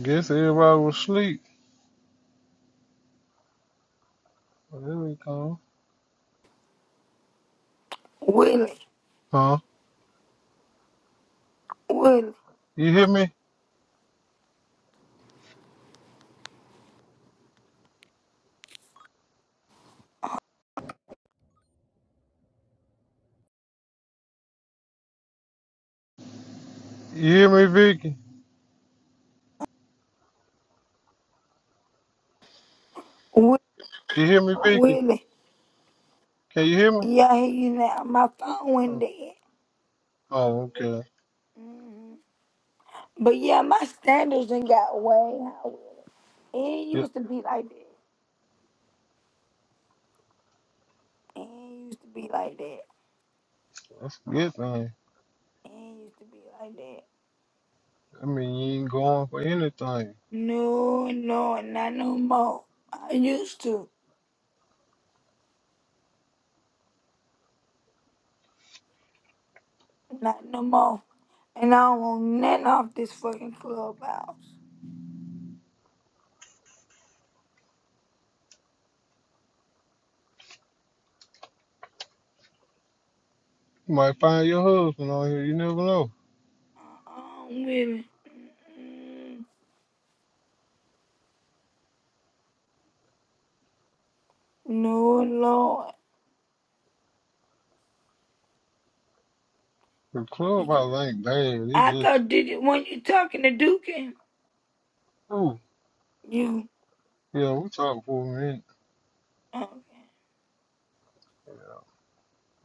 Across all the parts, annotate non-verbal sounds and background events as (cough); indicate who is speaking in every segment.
Speaker 1: Guess everybody was asleep. Well, there we go.
Speaker 2: Willie,
Speaker 1: Huh?
Speaker 2: Willie,
Speaker 1: You hear me? You hear me, Vicky?
Speaker 2: Willie,
Speaker 1: You hear me, Vicky?
Speaker 2: Willie.
Speaker 1: Can you hear me?
Speaker 2: Yeah, I hear you now. My phone went
Speaker 1: Oh,
Speaker 2: dead.
Speaker 1: oh, okay.
Speaker 2: hmm But yeah, my standards done got way higher. It ain't
Speaker 1: Yeah,
Speaker 2: used to be like that. It ain't used to be like that. It
Speaker 1: that's a good thing.
Speaker 2: ain't used to be like that.
Speaker 1: I mean, you ain't going for anything.
Speaker 2: No, no, not no more. I used to. Not no more. And I don't want nothing off this fucking clubhouse.
Speaker 1: You might find your husband on here. You never know.
Speaker 2: Uh-uh, Willie. Mm-mm. No, Lord.
Speaker 1: The clubhouse ain't bad. It's
Speaker 2: I
Speaker 1: just,
Speaker 2: thought did it when you talking to Duke,
Speaker 1: ooh,
Speaker 2: you
Speaker 1: yeah, we talked for a minute.
Speaker 2: okay.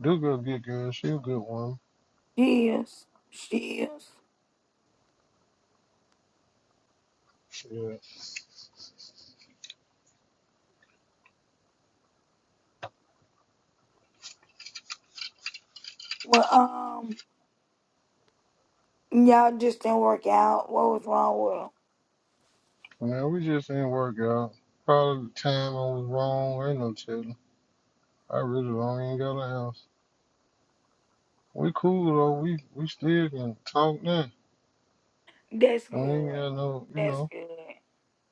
Speaker 1: Do good, good girl. She a good one.
Speaker 2: She is. She is.
Speaker 1: Yeah.
Speaker 2: Well, um, y'all just didn't work out. What was wrong with 'em?
Speaker 1: Now we just didn't work out. Probably the time I was wrong. Ain't no telling. I really don't got an answer. We cool though. We we still can talk now.
Speaker 2: That's
Speaker 1: We ain't
Speaker 2: good.
Speaker 1: got no, you
Speaker 2: That's
Speaker 1: know.
Speaker 2: good.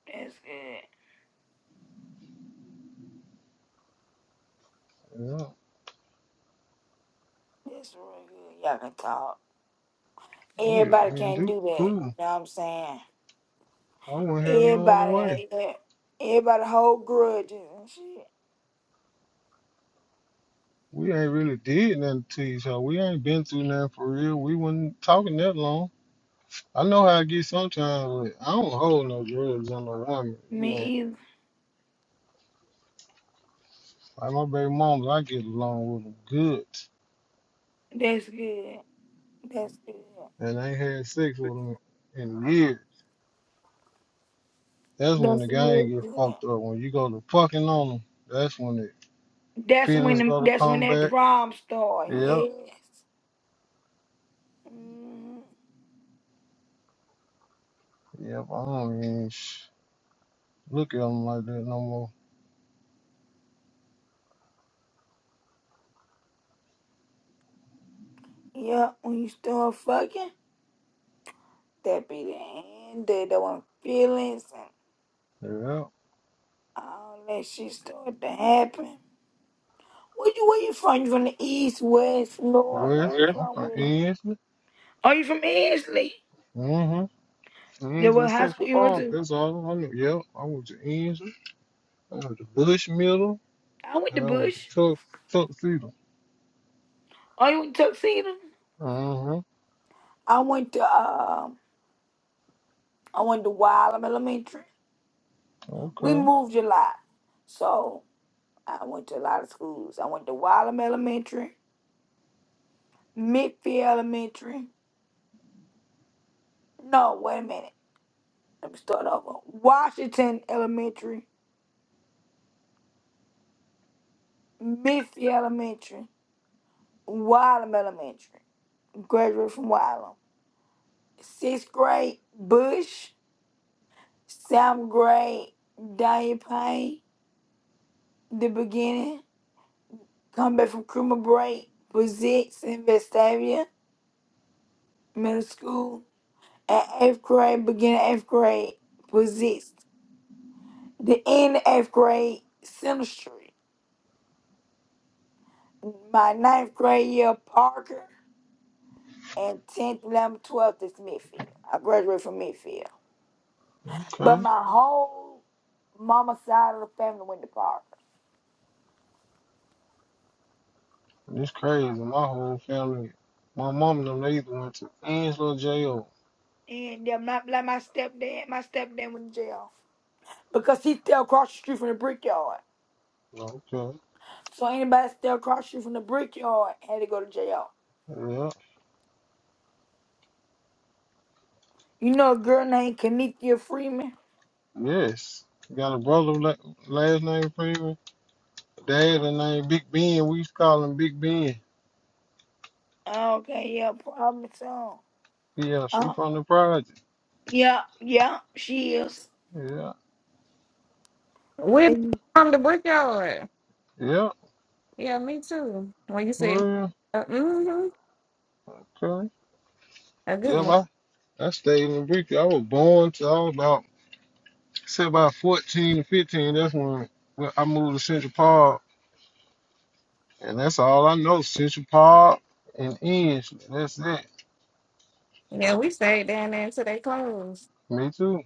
Speaker 2: That's good.
Speaker 1: Yeah.
Speaker 2: That's real good. Y'all can talk.
Speaker 1: Oh yeah.
Speaker 2: Everybody
Speaker 1: I mean,
Speaker 2: can't
Speaker 1: do
Speaker 2: do that.
Speaker 1: cool.
Speaker 2: You know what I'm saying?
Speaker 1: I wouldn't have no other way.
Speaker 2: Everybody, everybody hold grudges and shit.
Speaker 1: We ain't really did nothing to each other. We ain't been through nothing for real. We wasn't talking that long. I know how I get sometimes, but I don't hold no grudge on no woman. You
Speaker 2: Me
Speaker 1: know,
Speaker 2: either.
Speaker 1: like my baby mama, I get along with them good,
Speaker 2: That's good. That's good.
Speaker 1: and I ain't had sex with them in years. That's when
Speaker 2: That's
Speaker 1: the
Speaker 2: real
Speaker 1: game get
Speaker 2: good.
Speaker 1: fucked up. When you go to fucking on them, that's when the
Speaker 2: That's when
Speaker 1: feelings
Speaker 2: the,
Speaker 1: go to
Speaker 2: that's when that
Speaker 1: combat
Speaker 2: problem start.
Speaker 1: Yep,
Speaker 2: Yes. Mm,
Speaker 1: yep. I don't even sh- look at them like that no
Speaker 2: yeah, when you start fucking, that be the end of the one feelings and
Speaker 1: more. Yep,
Speaker 2: all that shit start to happen. Where you where you from? You from the east, west, north? Where
Speaker 1: West.
Speaker 2: you Where?
Speaker 1: I'm
Speaker 2: from?
Speaker 1: from
Speaker 2: Where you-
Speaker 1: Ensley.
Speaker 2: Are you from Ansley?
Speaker 1: Mm-hmm.
Speaker 2: That
Speaker 1: Ensley
Speaker 2: what high
Speaker 1: Central
Speaker 2: school you went
Speaker 1: Park.
Speaker 2: to?
Speaker 1: That's all I know. Yep, I went to Ensley. I went to Bush Middle,
Speaker 2: I went to
Speaker 1: and I went to
Speaker 2: Bush.
Speaker 1: Tuck Tuxedo.
Speaker 2: Oh, you went to Tuxedo?
Speaker 1: Mm-hmm.
Speaker 2: I went to um I went to Wylam Elementary. We
Speaker 1: Okay,
Speaker 2: moved a lot. So I went to a lot of schools. I went to Wylam Elementary, Midfield Elementary. No, wait a minute. Let me start over. Washington Elementary, Midfield Elementary, Wylam Elementary. Graduated from Wylam. Sixth grade, Bush. Seventh grade, Daniel Payne. The beginning. Come back from criminal break. Physics in Vestavia Middle School. At eighth grade, beginning eighth grade, Physics The end. eighth grade, Sinistry. My ninth grade year, Parker. And 10th, 11th, 12th is Midfield. I graduated from Midfield. But
Speaker 1: okay.
Speaker 2: my whole mama side of the family went to Parker.
Speaker 1: It's crazy. My whole family, my mom and them, they either went to Ensley or J.O.
Speaker 2: And them not like my stepdad. My stepdad went to jail. Because he still across the street from the brickyard.
Speaker 1: Okay.
Speaker 2: So anybody still across the street from the brickyard had to go to jail.
Speaker 1: Yep.
Speaker 2: You know a girl named Kenithia Freeman?
Speaker 1: Yes. Got a brother la- last name Freeman. Dad her name Big Ben. We used to call him Big Ben.
Speaker 2: Okay, yeah, probably so.
Speaker 1: Yeah, she
Speaker 2: Uh,
Speaker 1: from the project.
Speaker 2: yeah, yeah, she is.
Speaker 1: Yeah,
Speaker 3: Where
Speaker 2: They
Speaker 3: from the brickyard?
Speaker 1: yeah.
Speaker 3: Yeah, me too. When you said,
Speaker 1: Well,
Speaker 3: uh, mm-hmm,
Speaker 1: okay.
Speaker 3: a good one.
Speaker 1: Yeah, I, I stayed in the brick. I was born to I was about say about 14 to 15. That's when I moved to Central Park, and that's all I know. Central Park and Inch. That's it.
Speaker 3: Yeah, we stayed down there until they closed
Speaker 1: Me too.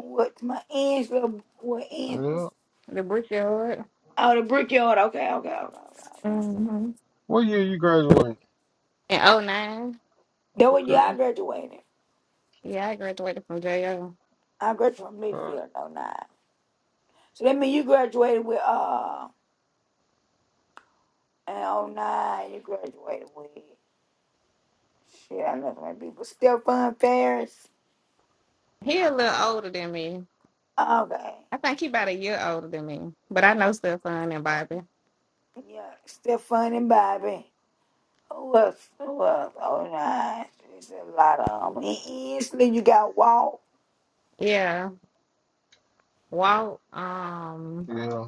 Speaker 2: what my aunt's little what aunt
Speaker 1: Yeah.
Speaker 2: was
Speaker 3: the brickyard.
Speaker 2: oh the brickyard. Okay, okay, okay, okay. okay.
Speaker 3: Mm-hmm.
Speaker 1: What year you graduated?
Speaker 3: In '09.
Speaker 2: That was yeah,
Speaker 1: Okay.
Speaker 2: I graduated.
Speaker 3: yeah, I graduated from JO.
Speaker 2: I graduated from
Speaker 1: Okay.
Speaker 2: Midfield in oh 09. So that means you graduated with uh in '09. you graduated with shit, I know so many people. Stephon Ferris.
Speaker 3: He a little older than me.
Speaker 2: Okay.
Speaker 3: I think he about a year older than me, but I know Stephon and Bobby.
Speaker 2: Yeah, Stephon and Bobby. Who else? Who else? Oh nine. It's a lot of them. And Easley, you got Walt.
Speaker 3: Yeah, Walt. Um,
Speaker 1: Yeah.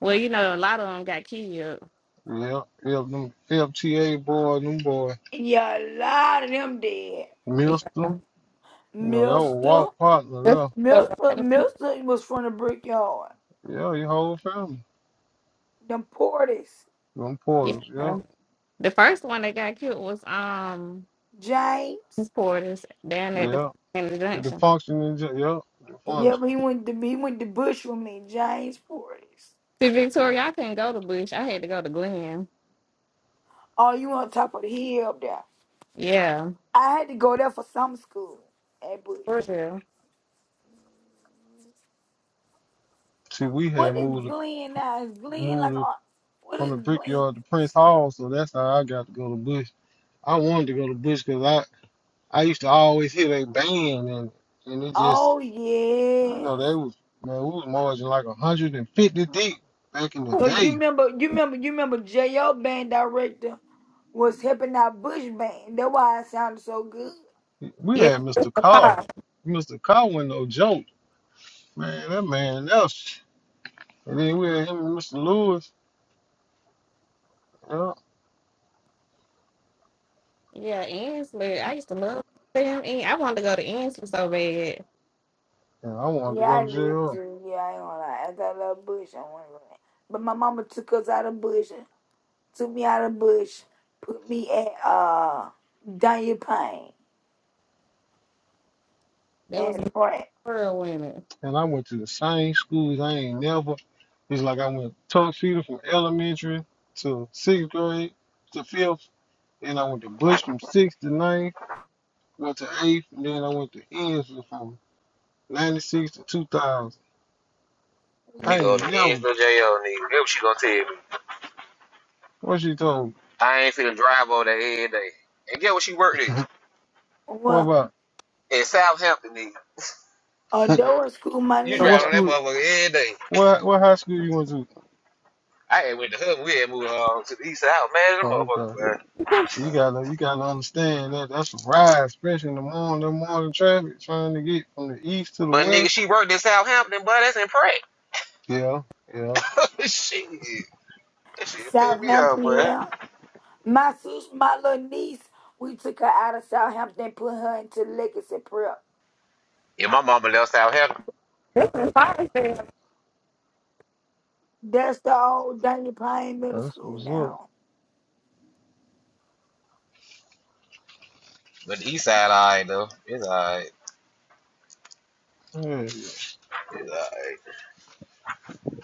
Speaker 3: well, you know, a lot of them got killed.
Speaker 1: Yeah. Yeah. Them FTA boy, them boy,
Speaker 2: Yeah, a lot of them dead.
Speaker 1: Mister.
Speaker 3: Yeah.
Speaker 1: You know that was
Speaker 2: Mister.
Speaker 1: Walt partner
Speaker 3: That's
Speaker 1: there.
Speaker 3: so- right.
Speaker 2: Milton, Milton was from the Brickyard.
Speaker 1: Yeah, your whole family.
Speaker 2: Them Portis,
Speaker 1: Them portals. Yeah,
Speaker 3: yeah. The first one that got killed was um
Speaker 2: James.
Speaker 3: Miss Porter's down at the
Speaker 1: yeah.
Speaker 3: in the
Speaker 1: And the
Speaker 3: junction.
Speaker 1: function is just, yeah, the
Speaker 3: See,
Speaker 2: Yeah,
Speaker 1: function.
Speaker 2: he went to he went to Bush with me, James Portis.
Speaker 3: Victoria, I couldn't go to Bush. I had to go to Glenn.
Speaker 2: Oh, you on top of the hill up there?
Speaker 3: Yeah,
Speaker 2: I had to go there for summer school at Bush.
Speaker 3: for real.
Speaker 1: See, we had
Speaker 2: What is
Speaker 1: moved it-
Speaker 2: Glenn now? Is Glenn
Speaker 1: moved
Speaker 2: like
Speaker 1: it
Speaker 2: a, what
Speaker 1: from
Speaker 2: is
Speaker 1: the
Speaker 2: Glenn?
Speaker 1: brickyard to Prince Hall, so that's how I got to go to Bush. I wanted to go to Bush because I I used to always hear they band and and it just
Speaker 2: Oh
Speaker 1: you
Speaker 2: yes,
Speaker 1: know they was man we was marching like 150 deep back in the
Speaker 2: cause you
Speaker 1: day.
Speaker 2: remember, you remember, you remember. J.O. band director was helping out Bush band. That's why it sounded so good.
Speaker 1: We
Speaker 3: Yeah,
Speaker 1: had
Speaker 3: the
Speaker 1: Mr. Carr.
Speaker 3: car.
Speaker 1: Mr. Carr wasn't no joke, man. That man, that was- And then we had him and Mr. Lewis. yeah.
Speaker 3: Yeah, Ensley. I used to love them. En- I wanted to go to Ensley so bad.
Speaker 1: And I wanted to
Speaker 2: Yeah,
Speaker 1: go
Speaker 2: I
Speaker 1: to
Speaker 2: did
Speaker 1: jail.
Speaker 2: too. Yeah, I ain't gonna lie. After I love Bush, I want to go back. But my mama took us out of Bush, took me out of Bush, put me at uh Danya Payne
Speaker 3: There was
Speaker 2: and
Speaker 3: a
Speaker 2: Pratt.
Speaker 3: girl in it.
Speaker 1: And I went to the same schools. I ain't never. It's like I went tuxedo from elementary to sixth grade to fifth. And I went to Bush from sixth to ninth. Went to eighth. And then I went to Enfield from 96 to 2000. I
Speaker 4: Nigga on
Speaker 1: ain't
Speaker 4: the edge
Speaker 1: never.
Speaker 4: of jail, nigga. Get what she gonna tell me.
Speaker 1: What she told
Speaker 4: I ain't finna drive over there every day. And get what she worked
Speaker 1: me? (laughs)
Speaker 4: at?
Speaker 2: Well,
Speaker 1: What
Speaker 4: In Southampton, nigga.
Speaker 1: about? (laughs)
Speaker 2: Andover School, my
Speaker 4: You
Speaker 1: So
Speaker 2: niece
Speaker 1: what
Speaker 4: driving on
Speaker 2: go
Speaker 4: that
Speaker 1: school?
Speaker 2: to
Speaker 4: motherfucker every day.
Speaker 1: What what high school you went to?
Speaker 4: I had went to her, we had moved on to the east side. I was mad at
Speaker 1: Oh, okay.
Speaker 4: the motherfucker, boy.
Speaker 3: (laughs)
Speaker 1: You gotta you gotta understand that that's a ride, especially in the morning, the morning traffic, trying to get from the east to the
Speaker 4: But
Speaker 1: west.
Speaker 4: nigga, she worked in Southampton, boy. That's in Pratt.
Speaker 1: Yeah, yeah,
Speaker 4: (laughs) shit. That shit pissed me off,
Speaker 2: Southampton.
Speaker 4: boy.
Speaker 2: Yeah, my sis, my little niece, we took her out of Southampton and put her into Legacy Prep.
Speaker 4: Yeah, my mama left Southampton.
Speaker 3: This is fire sale.
Speaker 2: That's the old Danya Payne Middle
Speaker 1: that's
Speaker 2: School
Speaker 1: what's up.
Speaker 2: now.
Speaker 4: But the east side, alright, though. It's alright.
Speaker 1: Yeah,
Speaker 4: It's alright.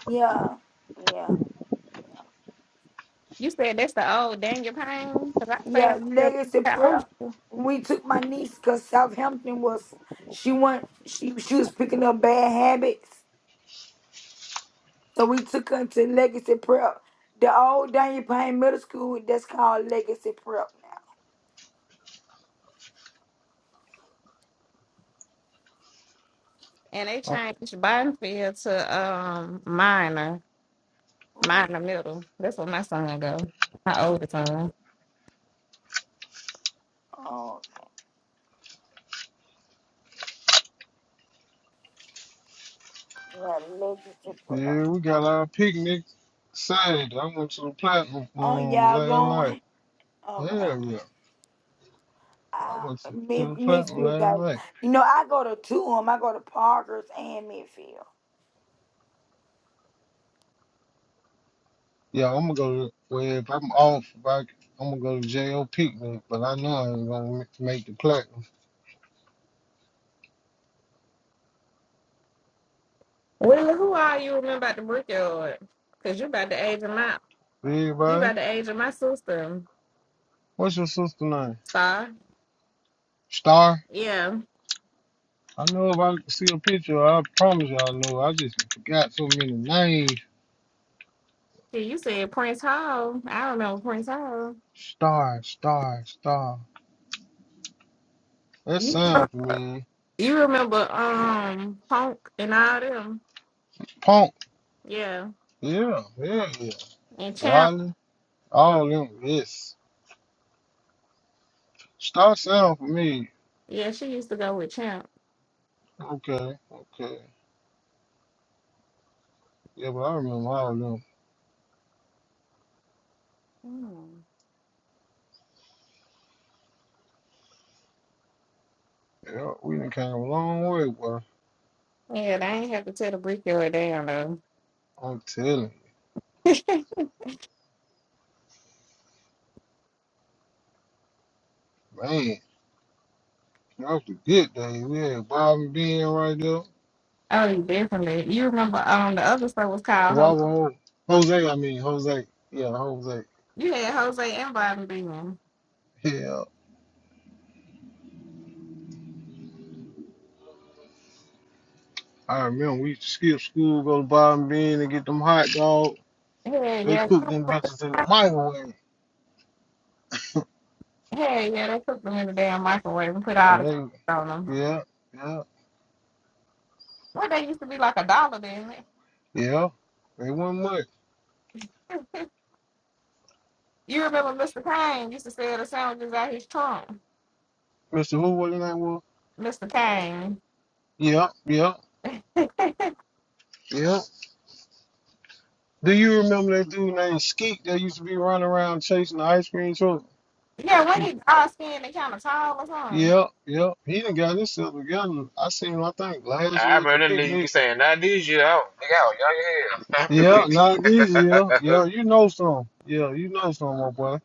Speaker 2: Yeah. Yeah, yeah.
Speaker 3: You said that's the old Daniel Payne? Because I stay
Speaker 2: Yeah,
Speaker 3: up there.
Speaker 2: legacy
Speaker 3: I
Speaker 2: prayer.
Speaker 3: don't know.
Speaker 2: When we took my niece, cause Southampton was she went she she was picking up bad habits. So we took her to legacy prep. The old Daniel Payne Middle School that's called Legacy Prep now.
Speaker 3: And they
Speaker 1: uh,
Speaker 3: changed Bidenfield to um minor,
Speaker 2: Ooh,
Speaker 3: minor middle. That's where my son go. My oldest son.
Speaker 2: Oh, yeah, Legacy Prep.
Speaker 1: yeah, we got our picnic Saturday. I went to the platinum
Speaker 2: Oh,
Speaker 1: um,
Speaker 2: y'all
Speaker 1: last night.
Speaker 2: going? Okay.
Speaker 1: Hell yeah, I
Speaker 2: I
Speaker 1: went to, to the
Speaker 2: Mid-
Speaker 1: platinum
Speaker 2: Midfield
Speaker 1: last
Speaker 2: guys.
Speaker 1: night.
Speaker 2: You know, I go to two of them. I go to Parker's and Midfield.
Speaker 1: Yeah, I'm gonna go to, well, if I'm off, if I, I'm gonna go to JO picnic, but I know I ain't gonna ma- make the platinum.
Speaker 3: Well, who are you remember about the brickyard? Cause you about the age of my you
Speaker 1: Everybody,
Speaker 3: about the age of my sister,
Speaker 1: what's your sister name?
Speaker 3: Star.
Speaker 1: Star?
Speaker 3: Yeah.
Speaker 1: I know if I see a picture, I promise you I know. I just forgot so many names.
Speaker 3: Yeah, you said Prince Hall. I remember Prince Hall.
Speaker 1: Star, star, star. That
Speaker 3: You
Speaker 1: sound familiar.
Speaker 3: you remember um Punk and all them.
Speaker 1: Punk,
Speaker 3: Yeah.
Speaker 1: yeah, yeah, yeah.
Speaker 3: And Champ.
Speaker 1: Wiley, all them, yes. Star Sound for me,
Speaker 3: Yeah, she used to go with Champ.
Speaker 1: okay, okay. Yeah, but I remember all them.
Speaker 3: Mm.
Speaker 1: Yeah, we done came a long way, boy.
Speaker 3: Yeah, they ain't have to tell the brickyard down though.
Speaker 1: I'm telling
Speaker 3: (laughs)
Speaker 1: you, man. That was the good days. We had Bobby Bean right there.
Speaker 3: oh, definitely. You remember um the other store was called Jose.
Speaker 1: Wobble Ho- Jose, I mean, Jose. Yeah, Jose.
Speaker 3: You had Jose and Bobby Bean.
Speaker 1: Yeah. I remember we used to skip school, go to Bobby Bean and get them hot dogs.
Speaker 3: Yeah,
Speaker 1: They
Speaker 3: yeah.
Speaker 1: cooked them bitches in the microwave. (laughs)
Speaker 3: Yeah, yeah, they cooked them in the damn microwave and put all the (laughs)
Speaker 1: And they,
Speaker 3: cheese on them.
Speaker 1: yeah, yeah.
Speaker 3: What they used to be like a dollar then.
Speaker 1: Yeah, they won much.
Speaker 3: (laughs) You remember Mr. Kane used to sell the sandwiches out his trunk.
Speaker 1: Mr. Who was his name was?
Speaker 3: Mr. Kane.
Speaker 1: Yeah, yeah,
Speaker 3: (laughs)
Speaker 1: yeah. Do you remember that dude named Skeet that used to be running around chasing the ice cream truck?
Speaker 3: yeah, when
Speaker 1: You-
Speaker 3: he all skinny, and kind of tall or something.
Speaker 1: Yeah, yeah. He done got himself together. I seen him, I think, last
Speaker 4: I
Speaker 1: year at the
Speaker 4: remember that nigga be
Speaker 1: picnic.
Speaker 4: saying, not this year. I don't, nigga, I was young as hell. (laughs) I remember
Speaker 1: Yeah,
Speaker 4: that
Speaker 1: not this year.
Speaker 4: nigga. (laughs)
Speaker 1: Yeah, you know some. Yeah, you know some, my boy.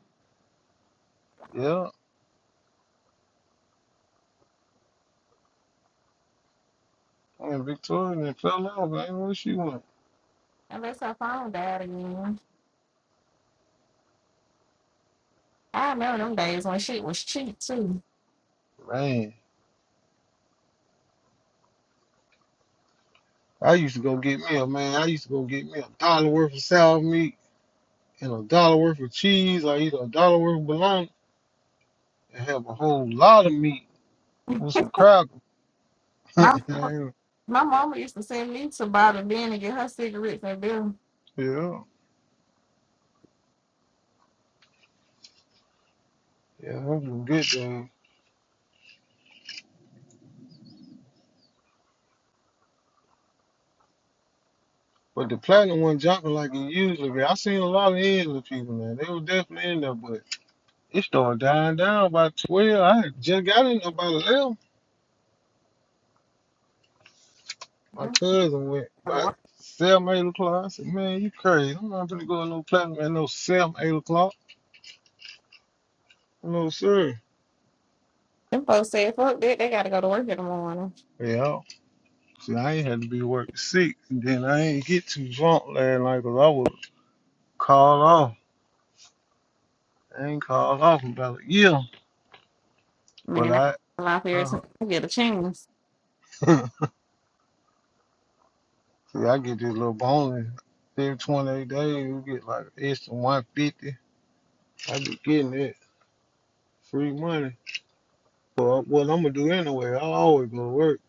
Speaker 1: Yeah. And Victoria and fell off, man. Where she went?
Speaker 3: Unless her phone died again. I remember them days when shit was cheap too.
Speaker 1: Man, I used to go get me a man. I used to go get me a dollar worth of sour meat and a dollar worth of cheese. I eat a dollar worth of bologna and have a whole lot of meat with some crackers. (laughs)
Speaker 3: My
Speaker 1: yeah,
Speaker 3: my mama used to send me to buy the bin and get her cigarettes and bill.
Speaker 1: yeah, that's some good thing. But the platinum one jumping like it usually be. I seen a lot of Angela people, man. They were definitely in there, but it started dying down by 12. I had just got in there by 11. My
Speaker 3: Them,
Speaker 1: cousin went
Speaker 3: go to
Speaker 1: by
Speaker 3: work.
Speaker 1: 7, 8 o'clock. I said, man, you crazy. I'm not gonna go to no platinum at no 7, 8 o'clock. No, sir.
Speaker 3: them folks said, fuck that, they gotta go to work in the morning.
Speaker 1: Yeah. See, I ain't had to be work six. and Then I ain't get too drunk last night, cause I was called off. I ain't called off in about a year, but
Speaker 3: Man,
Speaker 1: I,
Speaker 3: I laugh every
Speaker 1: uh,
Speaker 3: time I get a chance.
Speaker 1: (laughs) see, I get this little bonus every 28 days. You get like an extra 150. I be getting it free money. Well, what I'm gonna do anyway? I always go to work.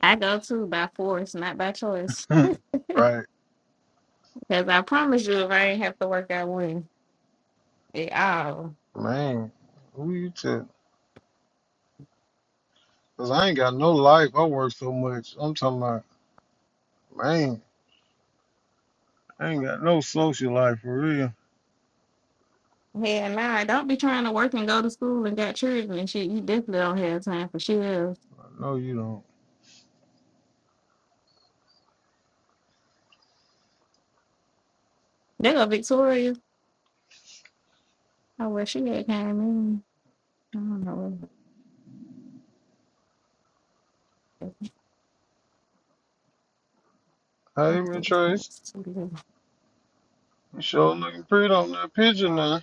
Speaker 3: I go too by force, not by choice.
Speaker 1: (laughs) right,
Speaker 3: Because I promise you, if I ain't have to work, I wouldn't. At all.
Speaker 1: man. Who you to? Cause I ain't got no life. I work so much. I'm talking about, man. I ain't got no social life for real.
Speaker 3: Hell nah, don't be trying to work and go to school and got children and shit. You definitely don't have time for shit else.
Speaker 1: I know you don't.
Speaker 3: There go Victoria. Oh, well, she had came in. I don't know. let
Speaker 1: Hey,
Speaker 3: me see
Speaker 1: Miss
Speaker 3: this
Speaker 1: Trace,
Speaker 3: pants,
Speaker 1: you sure looking pretty on that picture now.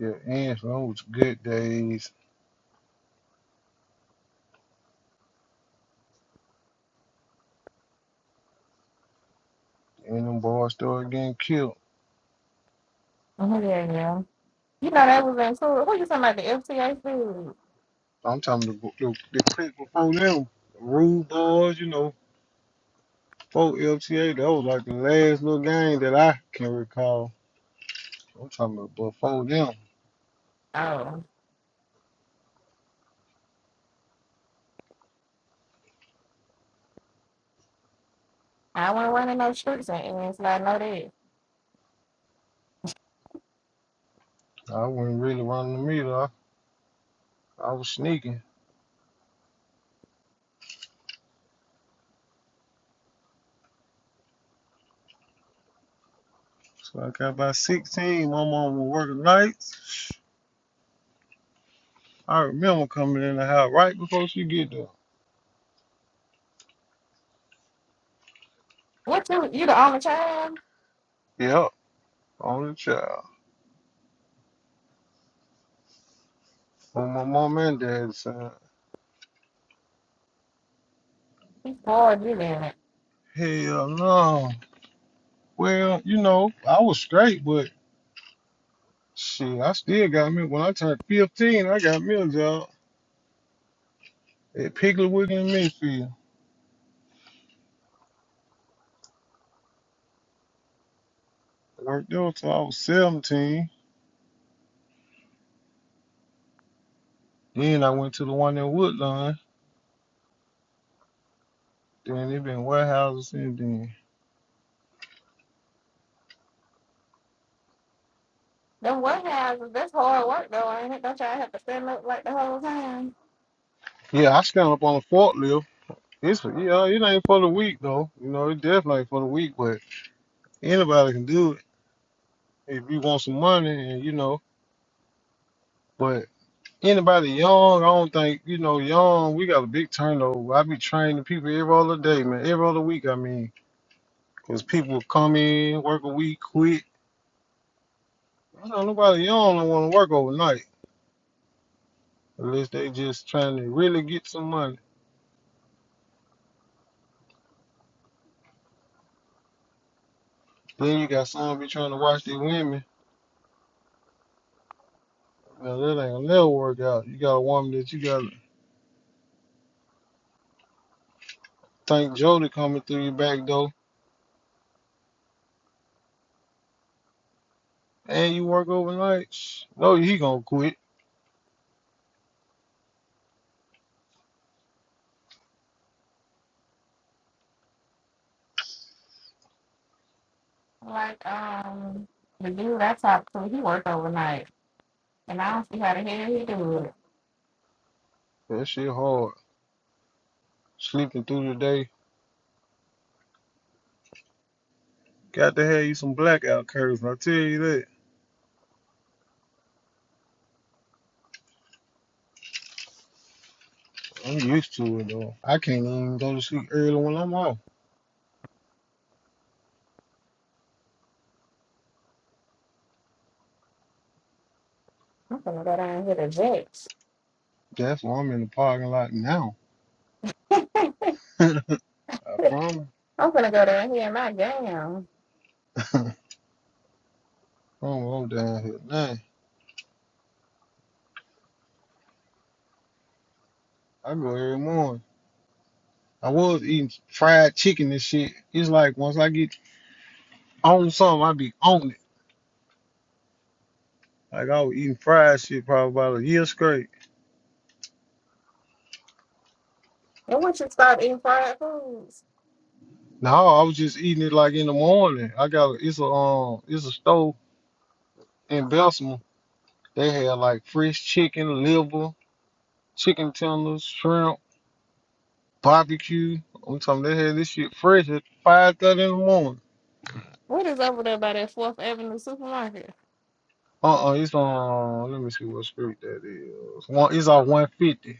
Speaker 1: Yeah, and on with your good days. And them boys started getting killed.
Speaker 3: Oh, there you go. You know that was in school. What you talking about? The FTA food?
Speaker 1: I'm talking the, the, the clique before them. Rude boys, you know, before LTA, that was like the last little gang that I can recall. I'm talking about before them.
Speaker 3: Oh, I wasn't running no streets and it's like, no that.
Speaker 1: I wasn't really running the meter. I, I was sneaking. So I got about 16. My mom was working nights. I remember coming in the house right before she get there.
Speaker 3: What you, you the only child?
Speaker 1: Yep, only child. On my mom and dad's side.
Speaker 3: He's bored, you then.
Speaker 1: Hell no. Well, you know, I was straight, but Shit, I still got me. When I turned 15, I got me a job at Piggly Wiggly in Midfield. Worked there till I was 17. Then I went to the one in Woodlawn. Then it been warehouses since then.
Speaker 3: Them warehouses, that's hard work though, ain't it? Don't y'all have to stand up like the whole time?
Speaker 1: Yeah, I stand up on a forklift. It's yeah, it ain't for the weak though. You know, it definitely ain't for the weak, but anybody can do it if you want some money and you know. But anybody young, I don't think you know young. We got a big turnover. I be training people every other day, man. Every other week, I mean. Because people come in, work a week, quit. I know nobody, you don't want to work overnight unless they just trying to really get some money. Then you got some be trying to watch these women. Now that ain't gonna never work out. You got a woman that you got to thank Jody coming through your back door, and you work overnight. No, he gonna quit.
Speaker 3: Like, um, the dude I talked to, he worked overnight. And I don't see how the hell he do it.
Speaker 1: That shit hard. Sleeping through the day. Got to have you some blackout curves. I tell you that. I'm used to it though. I can't even go to sleep early when I'm off.
Speaker 3: I'm gonna go down here to Jack's.
Speaker 1: That's why I'm in the parking lot now.
Speaker 3: (laughs) I'm
Speaker 1: (laughs) I promise.
Speaker 3: gonna go down here in my gown.
Speaker 1: (laughs) I promise I'm down here. Nah, I go every morning. I was eating fried chicken and shit. It's like once I get on something, I be on it. Like I was eating fried shit probably about a year straight.
Speaker 3: And once you start eating fried foods,
Speaker 1: No, I was just eating it like in the morning. I got a, it's a um it's a store in Bessemer. They had like fresh chicken, liver, chicken tenders, shrimp, barbecue. I'm talking they had this shit fresh at five thirty in the morning.
Speaker 3: what is over there by that Fourth Avenue supermarket?
Speaker 1: Uh-uh, it's on. Let me see what street that is. One, it's on one fifty.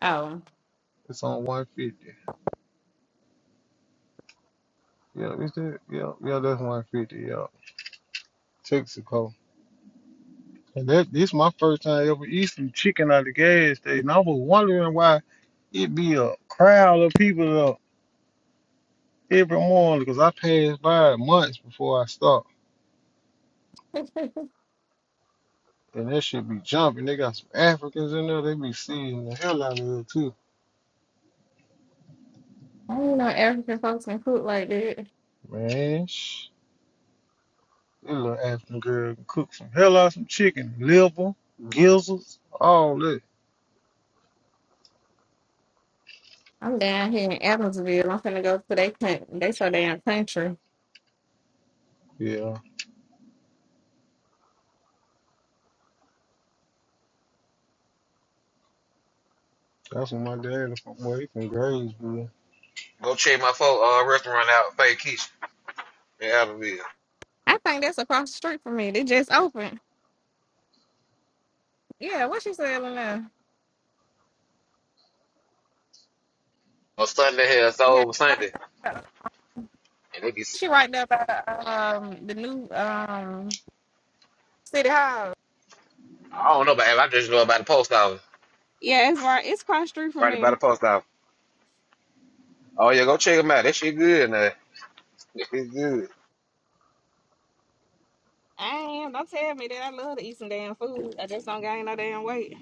Speaker 3: Oh.
Speaker 1: It's on one fifty. Yeah, it's that. Yeah, yeah, that's one fifty. Yeah, Texaco. And that this my first time ever eating some chicken at the gas station. I was wondering why it be a crowd of people up every morning because I passed by it months before I stopped.
Speaker 3: (laughs)
Speaker 1: And that should be jumping. They got some Africans in there. They be seeing the hell out of it too.
Speaker 3: I didn't know African folks can cook like that.
Speaker 1: Man, That little African girl cooked some hell out of some chicken, liver, gizzards, all that.
Speaker 3: I'm down here in Adamsville. I'm finna go to they, coun- they so damn country.
Speaker 1: Yeah, that's when my daddy from. Well, he from Graysville.
Speaker 4: Go check my folk uh, restaurant out, Fake Keisha in Abbeville.
Speaker 3: I think that's across the street from me. They just opened. Yeah, what she selling now?
Speaker 4: On Sunday here, it's
Speaker 3: Yeah,
Speaker 4: over
Speaker 3: right.
Speaker 4: Sunday.
Speaker 3: There.
Speaker 4: And they be,
Speaker 3: She right there by the, um the new um city hall.
Speaker 4: I I don't know about Abbeville, I just know about the post office.
Speaker 3: Yeah, it's right. It's across the street from
Speaker 4: Right
Speaker 3: me.
Speaker 4: about the post office. Oh yeah, go check them out. That shit good now. That shit good.
Speaker 3: I am. Don't tell me that I love to eat some damn food. I just don't gain no damn weight.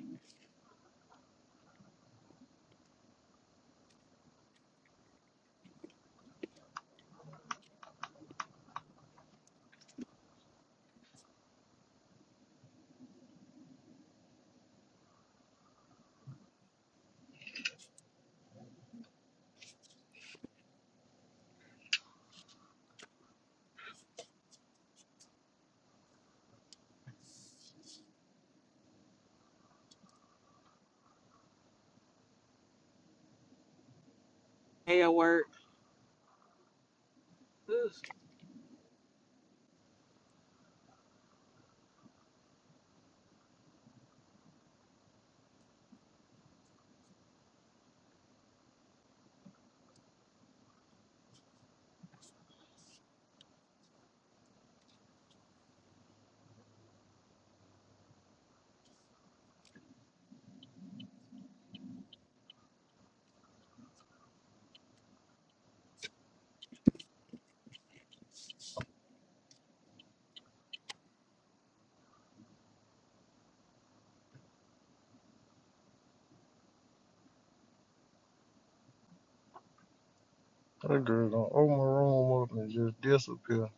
Speaker 1: That girl gonna open my room up and just disappear.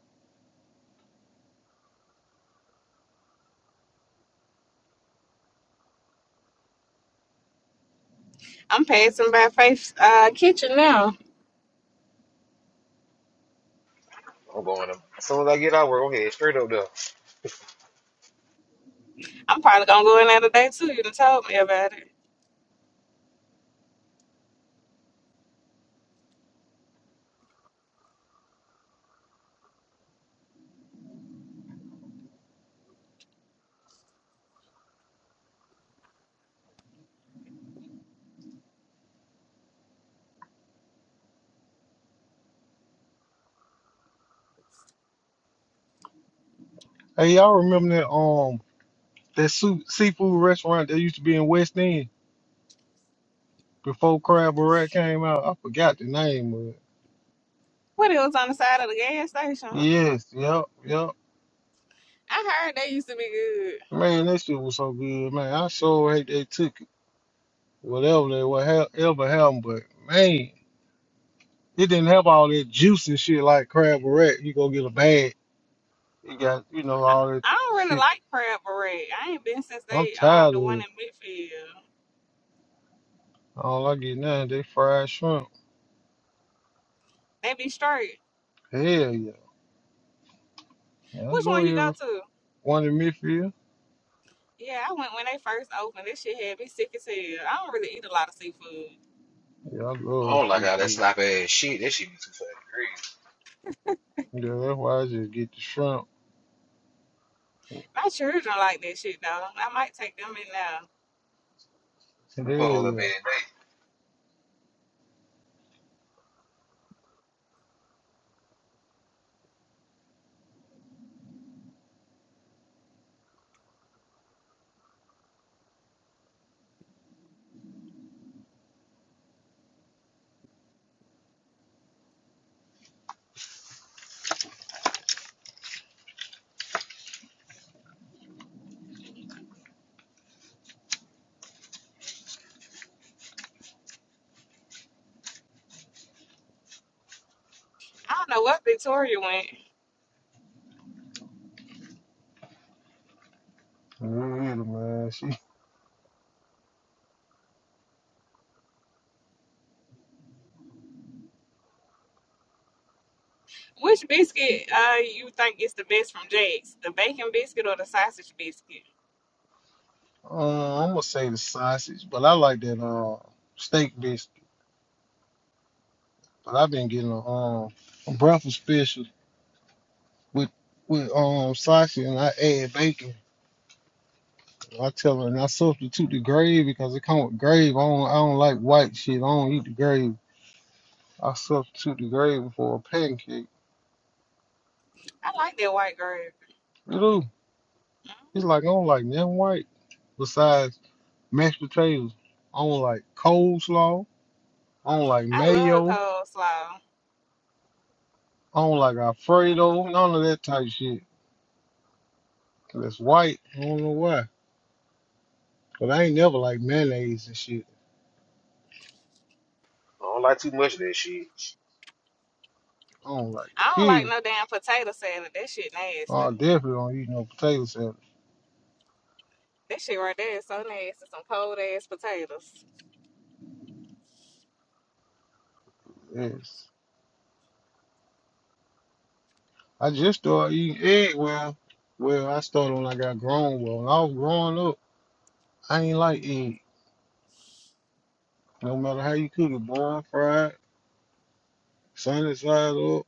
Speaker 3: I'm passing by Faith's uh, kitchen now.
Speaker 4: I'm going to, as soon as I get out, we're going to head straight up there.
Speaker 3: I'm probably gonna go in there today too. You done told me about it.
Speaker 1: Hey, y'all remember that um that su- seafood restaurant that used to be in West End before Crab Barrett came out? I forgot the name of it.
Speaker 3: What it was on the side of the gas station.
Speaker 1: Yes, yep, yep.
Speaker 3: I heard they used to be good.
Speaker 1: Man, that shit was so good, man. I sure hate they took it. Whatever they were, ever happened, but man. It didn't have all that juice and shit like crab barrette. You go get a bag. It got, you know, all that
Speaker 3: I don't really
Speaker 1: shit.
Speaker 3: like Crab Beret. I ain't been since
Speaker 1: I'm
Speaker 3: they um
Speaker 1: tired
Speaker 3: the
Speaker 1: of
Speaker 3: one
Speaker 1: it.
Speaker 3: in Midfield.
Speaker 1: All I get now, is they fried shrimp.
Speaker 3: They be straight.
Speaker 1: Hell yeah. I
Speaker 3: Which
Speaker 1: go
Speaker 3: one you go
Speaker 1: every
Speaker 3: to?
Speaker 1: one in Midfield.
Speaker 3: Yeah, I went when they first opened. This shit had me sick as hell. I don't really eat a lot of seafood.
Speaker 1: Yeah, I
Speaker 4: I
Speaker 1: love
Speaker 4: don't like all that
Speaker 1: seafood.
Speaker 4: sloppy ass shit. That shit be too fucking greasy.
Speaker 1: Yeah, that's why I just get the shrimp.
Speaker 3: My children like that shit though. I might take them in now.
Speaker 1: Hell
Speaker 4: Pull up
Speaker 1: yeah.
Speaker 4: every day.
Speaker 3: I don't know what Victoria went.
Speaker 1: Really, man. She,
Speaker 3: Which biscuit uh you think is the best from Jack's? The bacon biscuit or the sausage biscuit?
Speaker 1: uh, I'm gonna say the sausage, but I like that uh steak biscuit. But I've been getting a um a breakfast special with with um sausage and I add bacon. I tell her, and I substitute the gravy because it come with gravy. I don't, I don't like white shit. I don't eat the gravy. I substitute the gravy for a pancake.
Speaker 3: I like that white gravy.
Speaker 1: You do. He's like, I don't like nothing white besides mashed potatoes. I don't like coleslaw. I don't like
Speaker 3: I love
Speaker 1: mayo.
Speaker 3: coleslaw.
Speaker 1: I don't like Alfredo. None of that type shit. 'Cause it's white. I don't know why. But I ain't never like mayonnaise and shit.
Speaker 4: I don't like too much of that shit.
Speaker 1: I don't like
Speaker 3: I
Speaker 1: it.
Speaker 3: don't like
Speaker 1: Period.
Speaker 3: no damn potato salad. That shit nasty.
Speaker 1: I definitely don't eat no potato salad.
Speaker 3: That shit right there is so nasty. Some cold ass potatoes.
Speaker 1: Yes. I just started eating egg. Well, well, I started when I got grown. Well, when I was growing up, I ain't like egg. No matter how you cook it, brown, fried, sunny side up.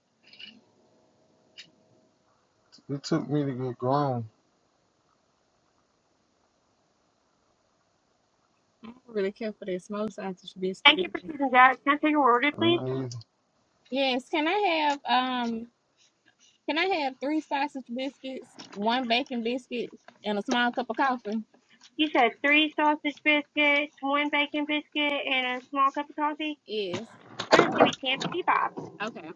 Speaker 1: It took me to get grown.
Speaker 3: I don't really care for that smoked sausage Thank you biscuit. for choosing that. Can I take your order,
Speaker 1: I ain't
Speaker 3: please?
Speaker 1: either.
Speaker 3: Yes, can I have um can I have three sausage biscuits, one bacon biscuit, and a small cup of coffee? You said three sausage biscuits, one bacon biscuit, and a small cup of coffee. Yes. I just give me ten fifty five. Okay.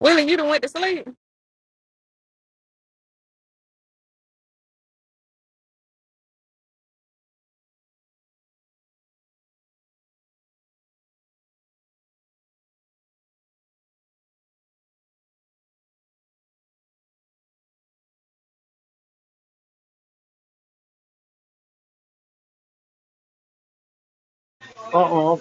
Speaker 3: Willie, you done went to sleep.
Speaker 1: Uh-oh,